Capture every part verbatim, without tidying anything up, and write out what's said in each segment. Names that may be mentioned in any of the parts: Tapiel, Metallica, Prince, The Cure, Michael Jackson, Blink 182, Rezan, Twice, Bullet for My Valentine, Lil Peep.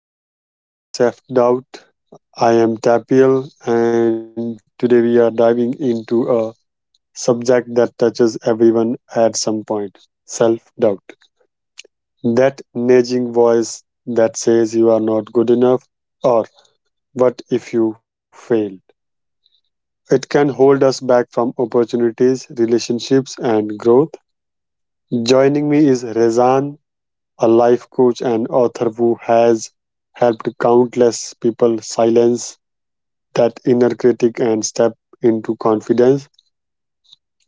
Welcome to Overcoming Self Doubt. I am Tapiel, and today we are diving into a subject that touches everyone at some point self doubt. That nagging voice that says you are not good enough, or what if you fail? It can hold us back from opportunities, relationships, and growth. Joining me is Rezan, a life coach and author who has helped countless people silence that inner critic and step into confidence.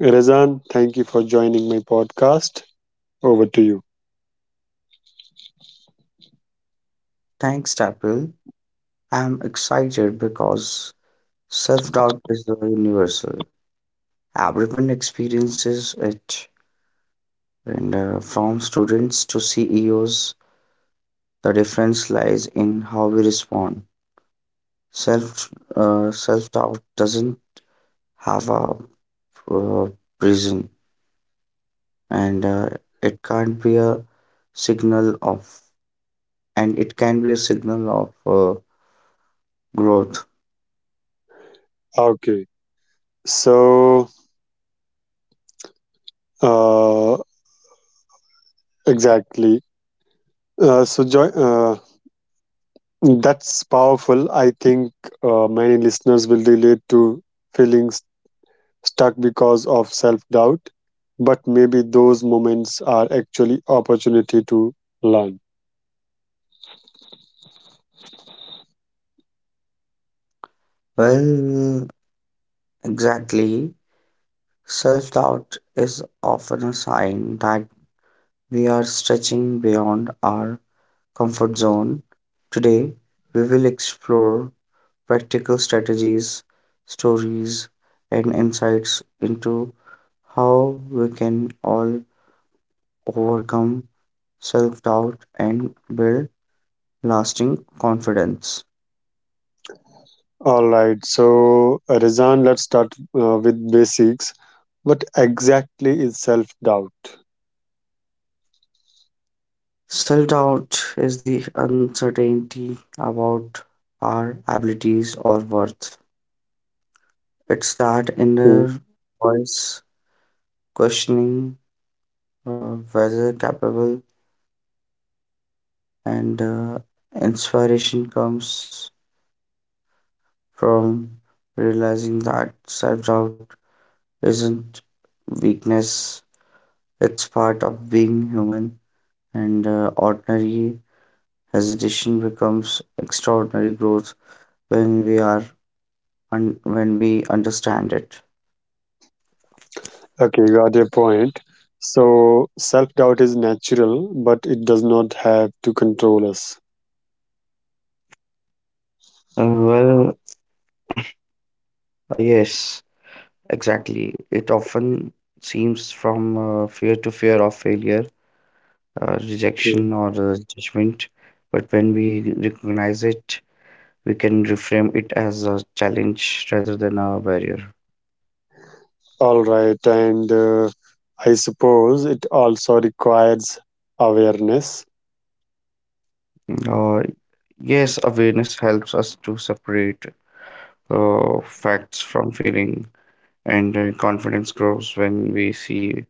Razan, thank you for joining my podcast. Over to you. Thanks, Tapil. I'm excited because self doubt is uh, universal. Everyone experiences it, and uh, from students to C E Os, the difference lies in how we respond. Self uh, self doubt doesn't have a uh, prison, and uh, it can't be a signal of, and it can be a signal of uh, growth. Okay. So, uh, exactly. Uh, so, joy, uh, that's powerful. I think uh, many listeners will relate to feeling s- stuck because of self doubt, but maybe those moments are actually opportunity to learn. Well, exactly. Self doubt is often a sign that we are stretching beyond our comfort zone. Today, we will explore practical strategies, stories, and insights into how we can all overcome self doubt and build lasting confidence. All right, so uh, Rizan, let's start uh, with basics. What exactly is self doubt? Self doubt is the uncertainty about our abilities or worth. It's that Okay, inner voice questioning uh, whether capable, and uh, inspiration comes from realizing that self doubt isn't weakness, it's part of being human, and uh, ordinary hesitation becomes extraordinary growth when we are un- when we understand it. okay, got your point. So, self doubt is natural, but it does not have to control us. Uh, well, uh, yes. Exactly. It often seems from uh, fear to fear of failure, uh, Okay. rejection, or uh, judgment. But when we recognize it, we can reframe it as a challenge rather than a barrier. All right, and uh, I suppose it also requires awareness. Mm, Uh, yes, awareness helps us to separate uh, facts from feeling, and uh, confidence grows when we see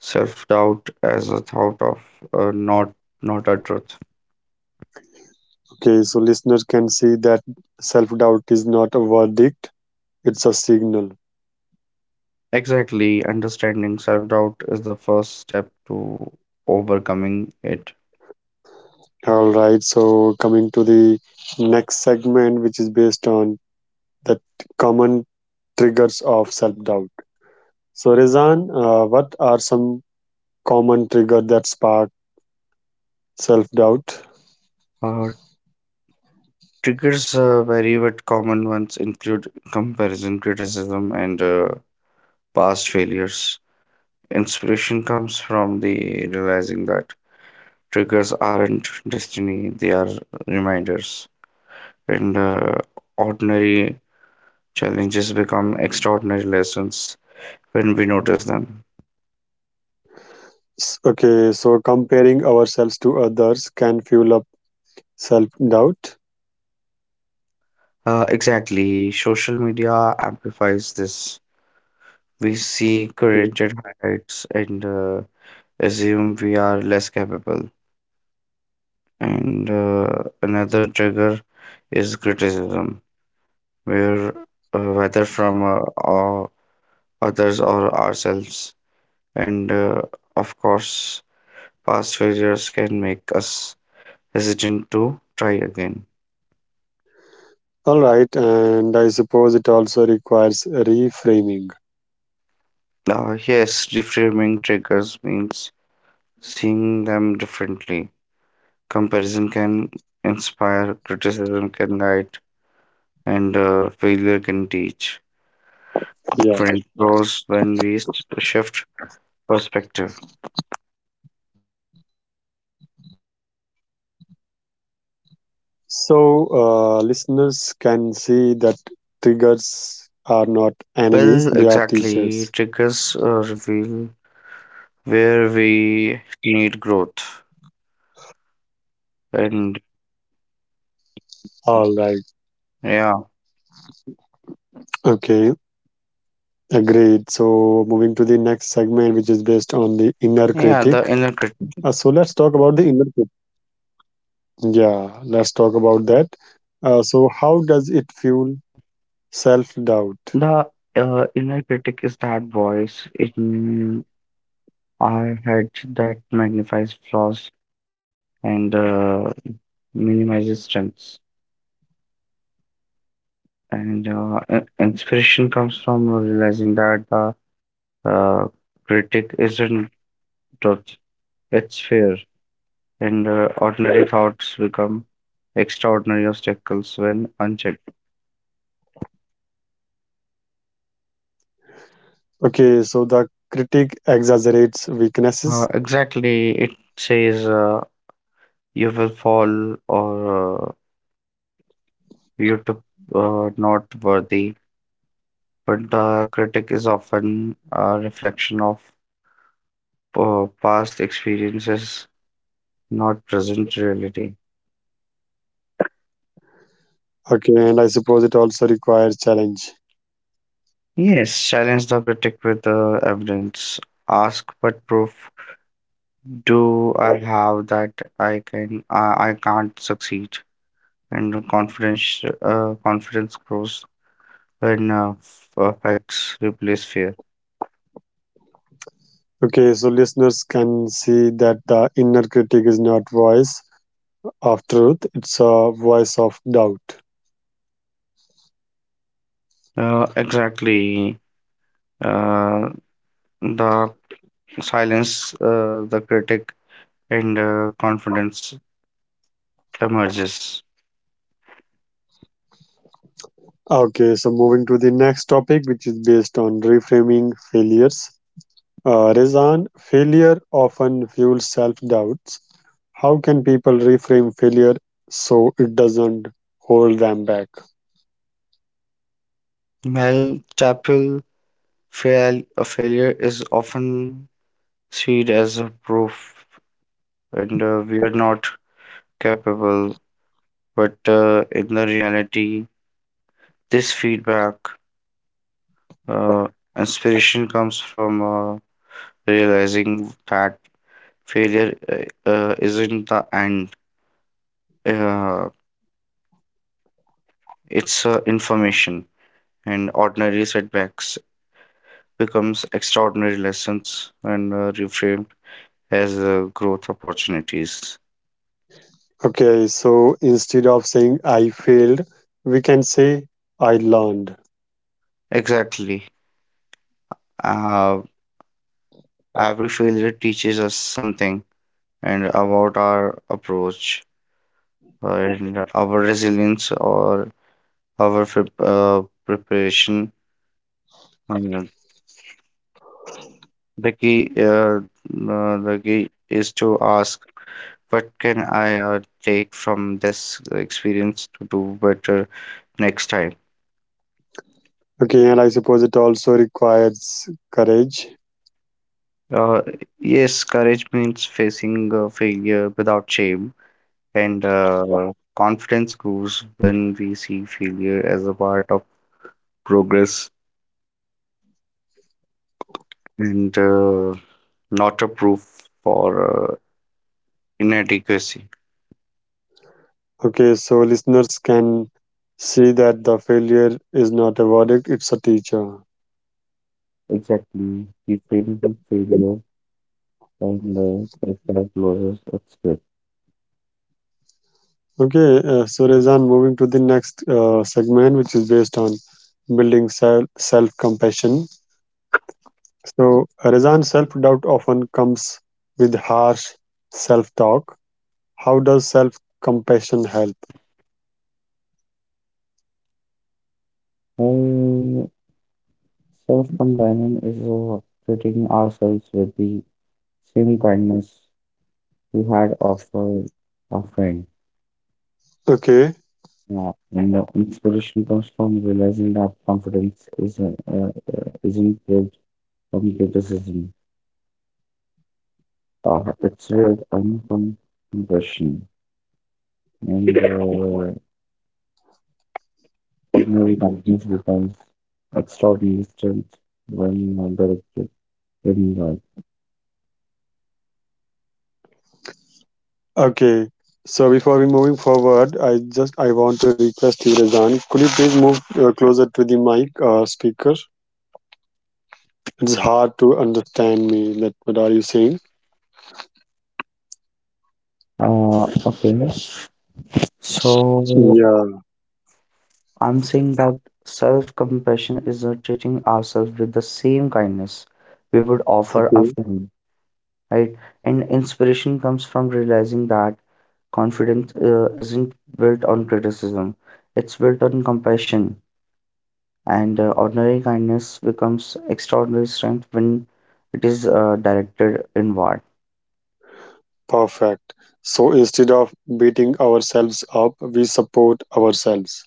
self doubt as a thought of uh, not not a truth. Okay, so listeners can see that self doubt is not a verdict, it's a signal. Exactly, understanding self-doubt is the first step to overcoming it. All right, so coming to the next segment, which is based on the common triggers of self doubt. So, Rezan, uh, what are some common trigger that spark self doubt? Uh, triggers uh, vary, but common ones include comparison, criticism, and uh, past failures. Inspiration comes from the realizing that triggers aren't destiny, they are reminders. And uh, ordinary challenges become extraordinary lessons when we notice them. Okay, so comparing ourselves to others can fuel up self doubt. Uh, exactly, social media amplifies this. We see curated highlights, and uh, assume we are less capable. And uh, another trigger is criticism, where uh, whether from uh, or others or ourselves, and uh, of course, past failures can make us hesitant to try again. All right, and I suppose it also requires reframing. Uh, yes, reframing triggers means seeing them differently. Comparison can inspire, criticism can guide, and uh, failure can teach. Friends grows Yeah. when we shift perspective. So, uh, listeners can see that triggers are not enemies, they are teachers. Well, exactly, triggers uh, reveal where we need growth, and All right. yeah, Okay. Agreed. So, moving to the next segment, which is based on the inner yeah, the critic. inner critic. Uh, so, let's talk about the inner critic. Yeah, let's talk about that. Uh, so, how does it fuel self doubt? The uh, inner critic is that voice in our head that magnifies flaws and uh, minimizes strengths. And uh, in- inspiration Okay. comes from realizing that the uh, critic isn't truth. It's fair, and uh, ordinary thoughts become extraordinary obstacles when unchecked. Okay. So, the critic exaggerates Uh, weaknesses. exactly, it says uh, you will fall or uh, you to uh, not worthy, but the critic is often a reflection of uh, past experiences, not present reality. Okay. And I suppose it also requires challenge. Yes, challenge the critic with uh, evidence. Ask but proof, do I have that I can uh, I can't succeed? And confidence uh, confidence grows when uh, f- uh, facts replace fear. Okay, so listeners can see that the inner critic is not voice of truth, it's a voice of doubt. Uh, exactly. Uh, the silence uh, the critic and uh, confidence emerges. Okay, so moving to the next topic, which is based on reframing failures. Uh, Rezan, failure often fuels self doubts. How can people reframe failure so it doesn't hold them back? Mel Chapel fail a failure is often seen as a proof, and uh, we are not capable. But uh, in the reality, this feedback. uh, inspiration comes from uh, realizing that failure uh, uh, isn't the end. Uh, it's uh, information, and ordinary setbacks becomes extraordinary lessons and uh, reframed as uh, growth opportunities. Okay, so instead of saying I failed, we can say I learned. Exactly. Uh, every failure teaches us something and about our approach, uh, and our resilience or our prep- uh, preparation. Um, the key, uh, uh, the key is to ask, what can I uh, take from this experience to do better next time? Okay, and I suppose it also requires courage. Uh, yes, courage means facing uh, failure without shame, and uh, confidence grows when we see failure as a part of progress and uh, not a proof for uh, inadequacy. Okay, so listeners can see that the failure is not a verdict, it's a teacher. Exactly, reframing failure and uh, as a loss of skill. Okay, uh, so Rezan, moving to the next uh, segment, which is based on building self compassion. So, Rezan, self doubt often comes with harsh self talk. How does self compassion help? Well, self-compassion is uh, treating ourselves with the same kindness we had of uh, our friend. Okay, Yeah, and the inspiration comes from realizing that confidence is uh, uh, isn't built from criticism. Uh, it's built only from impression, and uh, ordinary confidence becomes extraordinary strength when uh, directed in okay. So before we moving forward, I just I want to request you, Rezan, could you please move uh, closer to the mic uh, speaker? It's hard to understand me that what are you saying? love. Uh, okay, so. Yeah, I'm saying that self compassion is uh, treating ourselves with the same kindness we would offer a okay, friend, right? And inspiration comes from realizing that confidence uh, isn't built on criticism, it's built on compassion. And uh, ordinary kindness becomes extraordinary strength when it is uh, directed inward. perfect. So instead of beating ourselves up, we support ourselves.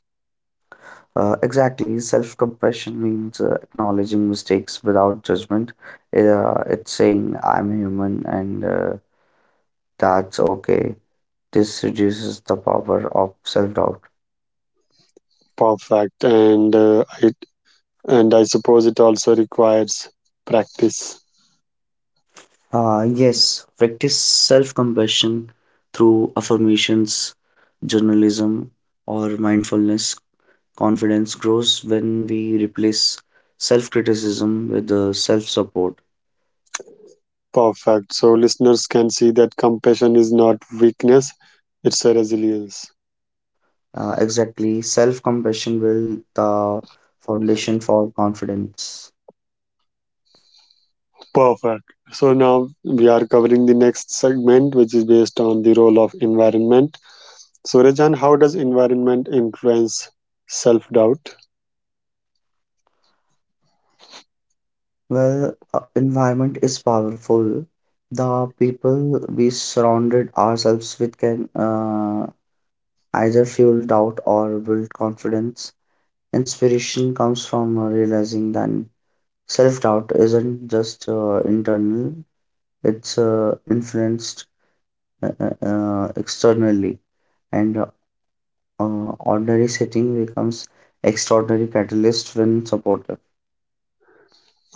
Uh, exactly, self compassion means uh, acknowledging mistakes without judgment. Uh, it's saying, I'm human and uh, that's okay. This reduces the power of self doubt. Perfect. And uh, it and I suppose it also requires practice. Ah, yes, practice self compassion through affirmations, journalism, or mindfulness. Confidence grows when we replace self criticism with self support. Perfect. So listeners can see that compassion is not weakness, it's a resilience. Uh, exactly, self compassion will the foundation for confidence. Perfect. So now we are covering the next segment, which is based on the role of environment. Surajan, how does environment influence self doubt? Well, uh, environment is powerful. The people we surrounded ourselves with can uh, either fuel doubt or build confidence. Inspiration comes from uh, realizing that self doubt isn't just uh, internal, it's uh, influenced uh, uh, uh, externally, and uh, uh, ordinary setting becomes extraordinary catalyst when supported.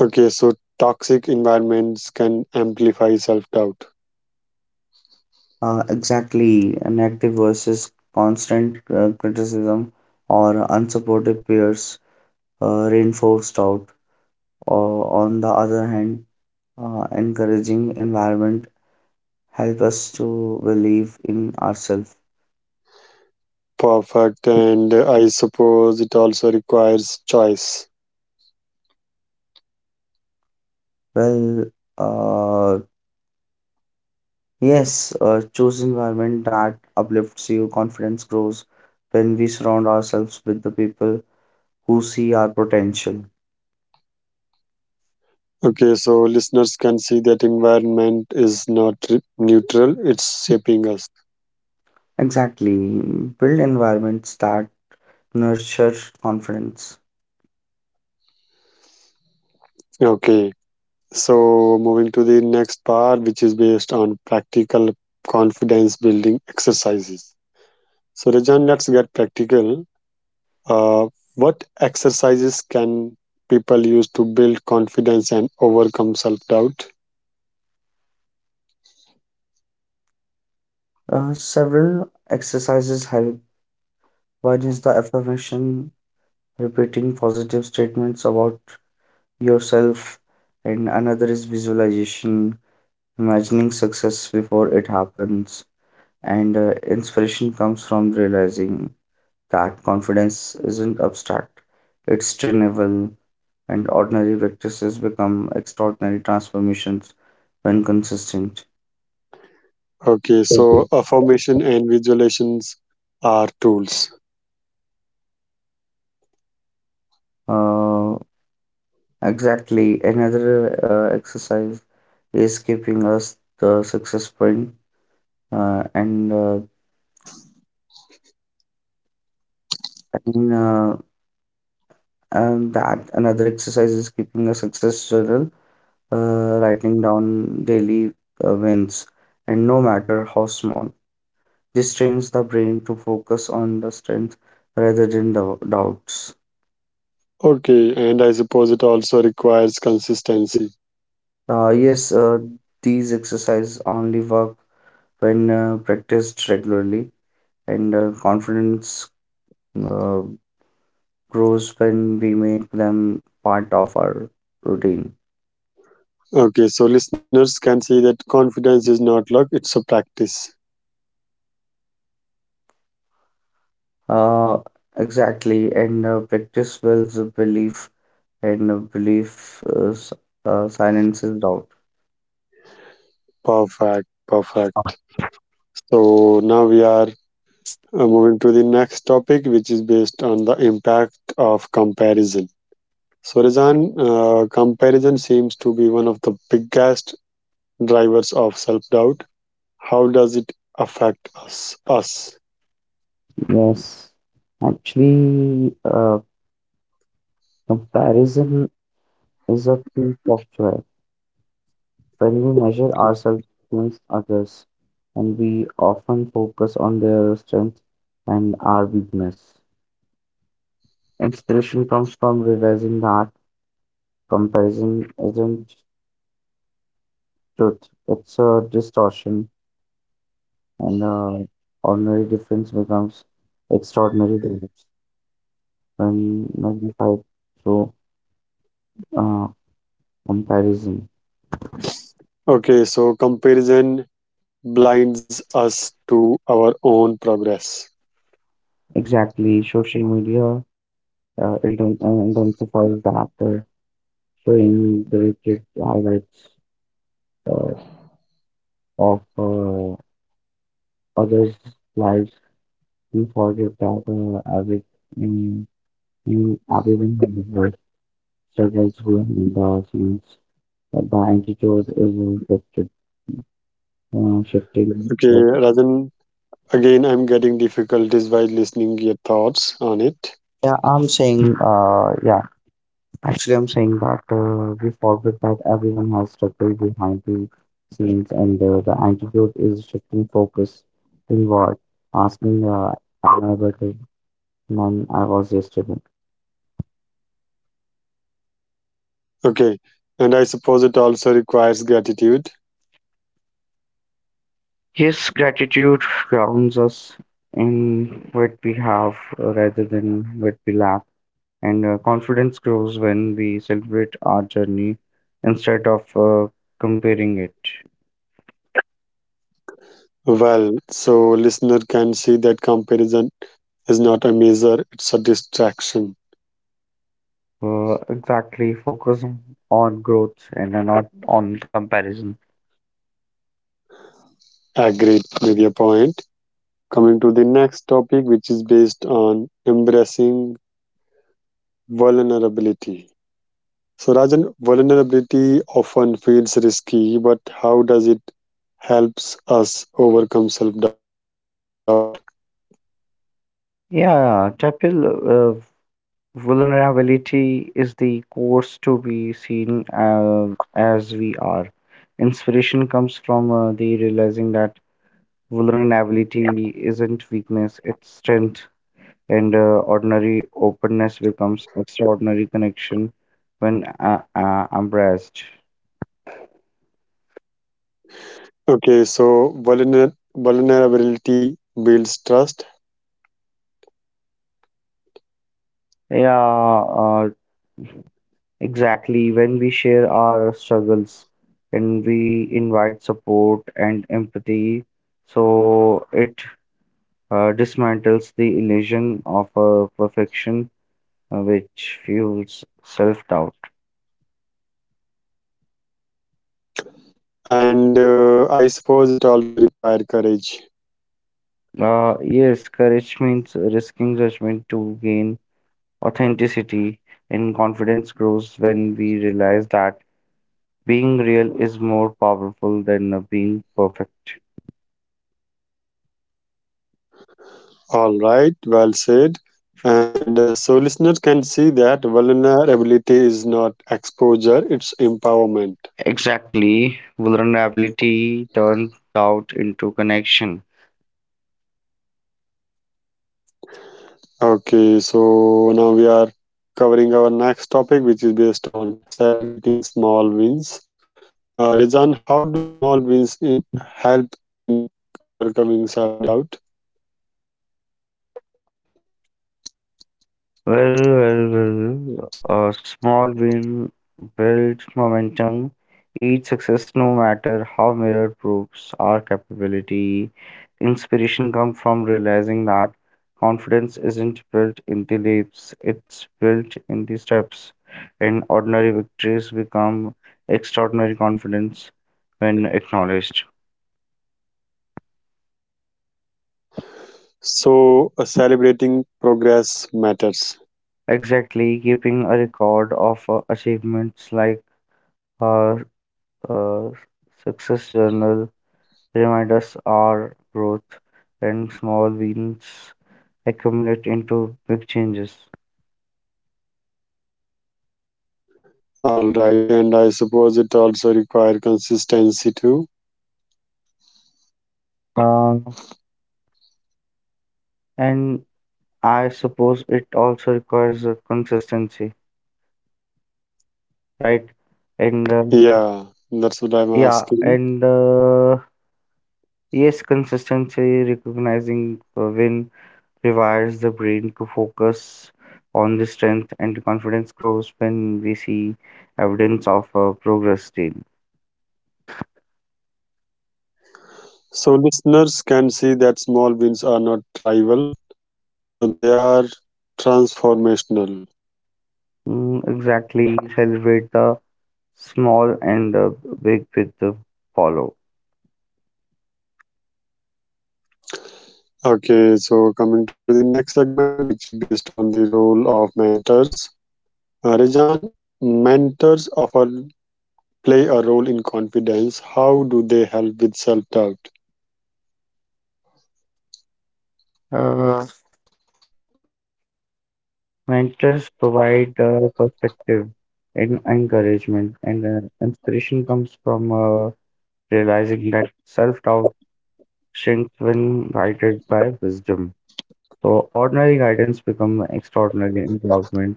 Okay, so toxic environments can amplify self doubt. Uh, exactly, an active versus constant uh, criticism or unsupportive peers uh, reinforce doubt. Uh, on the other hand, uh, encouraging environment help us to believe in ourselves. Perfect. And uh, I suppose it also requires choice. Well, uh, yes, uh, choose environment that uplifts you. Confidence grows when we surround ourselves with the people who see our potential. Okay, so listeners can see that environment is not re- neutral, it's shaping us. Exactly, build environments that nurture confidence. Okay, so moving to the next part, which is based on practical confidence building exercises. So, Rajan, let's get practical. Uh, what exercises can people use to build confidence and overcome self doubt? Uh, several exercises help. One is the affirmation, repeating positive statements about yourself, and another is visualization, imagining success before it happens, and uh, inspiration comes from realizing that confidence isn't abstract, it's trainable, and ordinary practices become extraordinary transformations when consistent. Okay, so Mhm. affirmation and visualizations are tools. Uh, exactly. Another uh, exercise is keeping us the success sprint, uh, and uh, I mean, uh, and that another exercise is keeping a success journal, uh, writing down daily uh, wins, and no matter how small. This trains the brain to focus on the strength rather than dou- doubts. Okay, and I suppose it also requires consistency. Uh, yes, uh, these exercises only work when uh, practiced regularly, and uh, confidence uh, grows when we make them part of our routine. Okay, so listeners can see that confidence is not luck, it's a practice. Uh, exactly, and uh, practice builds a belief, and uh, belief uh, s- uh, silences doubt. Perfect, perfect. So now we are uh, moving to the next topic, which is based on the impact of comparison. So, Rizan, uh, comparison seems to be one of the biggest drivers of self-doubt. How does it affect us? Us. Yes, actually, uh, comparison is a thief of joy. When we measure ourselves against others, and we often focus on their strength and our weakness. Inspiration comes from realizing that comparison isn't truth, it's a distortion, and uh, ordinary difference becomes extraordinary difference when magnified through uh, comparison. Okay, so comparison blinds us to our own progress. Exactly, social media uh, inten- uh, intensifies the after showing the wicked highlights uh, of uh, others' lives. We forget that uh, average um, you everyone individual struggles behind the scenes. Uh, The attitude is reflected, uh, shifting. Okay, So, Rajan, again, I'm getting difficulties while listening your thoughts on it. yeah, I'm saying, uh, yeah. actually, I'm saying that uh, we forget that everyone has struggled behind the scenes, and uh, the antidote is shifting focus inward, asking, uh, am I better than I was yesterday? Okay, and I suppose it also requires gratitude. Yes, gratitude grounds us in what we have uh, rather than what we lack, and uh, confidence grows when we celebrate our journey instead of uh, comparing it. Well, so listener can see that comparison is not a measure, it's a distraction. Uh, exactly, focus on growth and then not on comparison. Agreed with your point. Coming to the next topic, which is based on embracing vulnerability. So, Rajan, vulnerability often feels risky, but how does it helps us overcome self doubt? Yeah, Tapil, uh, vulnerability is the course to be seen uh, as we are. Inspiration comes from uh, the realizing that vulnerability isn't weakness, it's strength, and uh, ordinary openness becomes extraordinary connection when uh, uh, embraced. Okay, so vulner- vulnerability builds trust, Yeah, uh, Exactly, when we share our struggles and we invite support and empathy, so it uh, dismantles the illusion of uh, perfection uh, which fuels self-doubt. and uh, I suppose it also requires courage. Uh, yes, courage means risking judgment to gain authenticity, and confidence grows when we realize that being real is more powerful than uh, being perfect. All right, well said. And uh, so listeners can see that vulnerability is not exposure, it's empowerment. Exactly. Vulnerability turned doubt into connection. Okay, so now we are covering our next topic, which is based on celebrating small wins. Uh, Rizan, how do small wins in, help in overcoming self doubt? Well, well, well. A small win builds momentum. Each success, no matter how mirror proves our capability, inspiration comes from realizing that confidence isn't built in the leaps, it's built in the steps. And ordinary victories become extraordinary confidence when acknowledged. So, uh, celebrating progress matters. Exactly, keeping a record of uh, achievements like our uh, success journal remind us our growth and small wins accumulate into big changes. All right, and I suppose it also requires consistency too. Uh, and I suppose it also requires a consistency, right? And uh, Yeah, that's what I'm yeah, asking. and uh, yes, consistency, recognizing a win rewires the brain to focus on the strength, and confidence grows when we see evidence of uh, progress daily. So listeners can see that small wins are not rival, uh, they are transformational. Mm, exactly, celebrate the small and the big with the follow. Okay, so coming to the next segment, which is based on the role of mentors. Uh, Rajan, mentors often play a role in confidence. How do they help with self doubt? Uh, mentors provide uh, perspective and encouragement, and uh, inspiration comes from uh, realizing that self doubt shrinks when guided by wisdom. So, ordinary guidance becomes extraordinary empowerment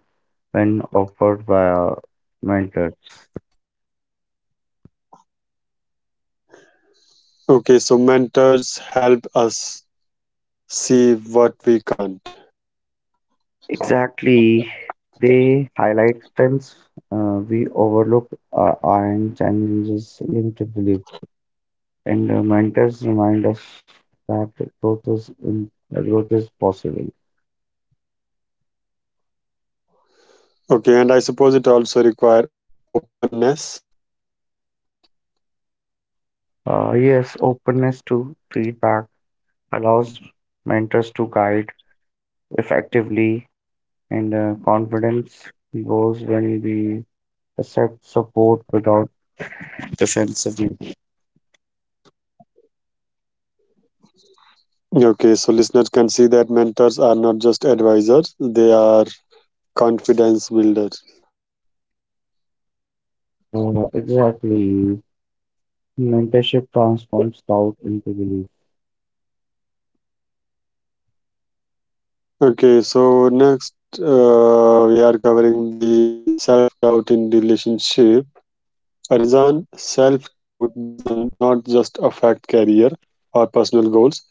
when offered by uh, mentors. Okay, so mentors help us see what we can't. Exactly, they highlight strengths uh, we overlook uh, and challenges linked to beliefs. And uh, mentors remind us that growth is in, uh, growth is possible. Okay, and I suppose it also require openness. Uh, yes, openness to feedback allows mentors to guide effectively, and uh, confidence grows when we accept support without defensiveness. Okay, so listeners can see that mentors are not just advisors, they are confidence builders. Uh, exactly. Mentorship transforms doubt into belief. Okay, so next uh, we are covering the self doubt in relationship. Arizan, self doubt doesn't does not just affect career or personal goals.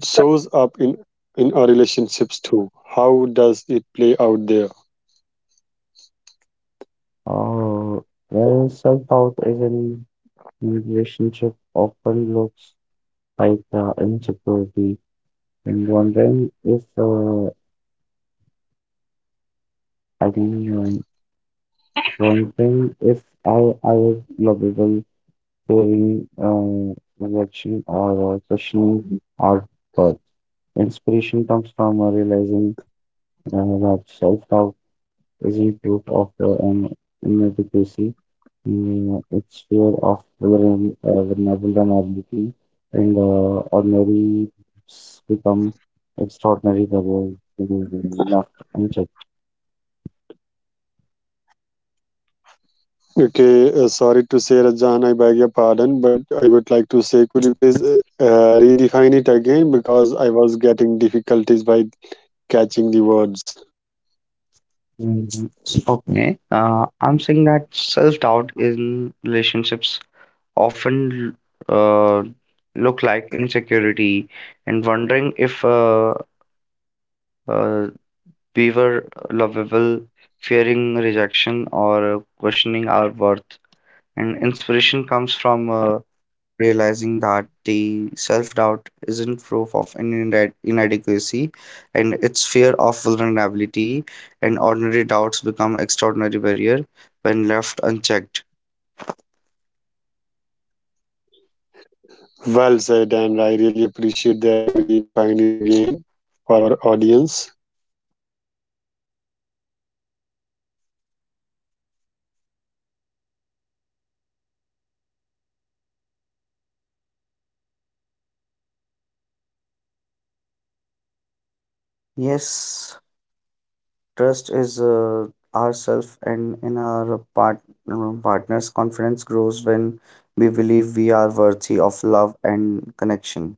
It shows up in in our relationships too. How does it play out there? Uh, well, self-doubt is in relationship often looks like uh, insecurity and wondering if uh, I can uh, wondering if I I was lovable, fearing uh, rejection or uh, questioning our worth. Inspiration comes from uh, realizing uh, that self-doubt isn't proof of uh, an inadequacy. Mm, It's fear of vulner- uh, vulner- vulnerability, and uh, ordinary s- become extraordinary level left unchecked. Okay, uh, sorry to say, Rajan, I beg your pardon, but I would like to say, could you please uh, uh, redefine it again because I was getting difficulties by catching the words. Mhm. Okay. Uh, I'm saying that self-doubt in relationships often uh, look like insecurity and wondering if uh, uh, we were lovable, fearing rejection, or questioning our worth. And inspiration comes from uh, realizing that the self doubt isn't proof of an inde- inadequacy and its fear of vulnerability, and ordinary doubts become extraordinary barrier when left unchecked. Well said, and I really appreciate that you redefined it again for our audience. Yes, trust is uh, ourself and in our part- uh, partner's confidence grows when we believe we are worthy of love and connection.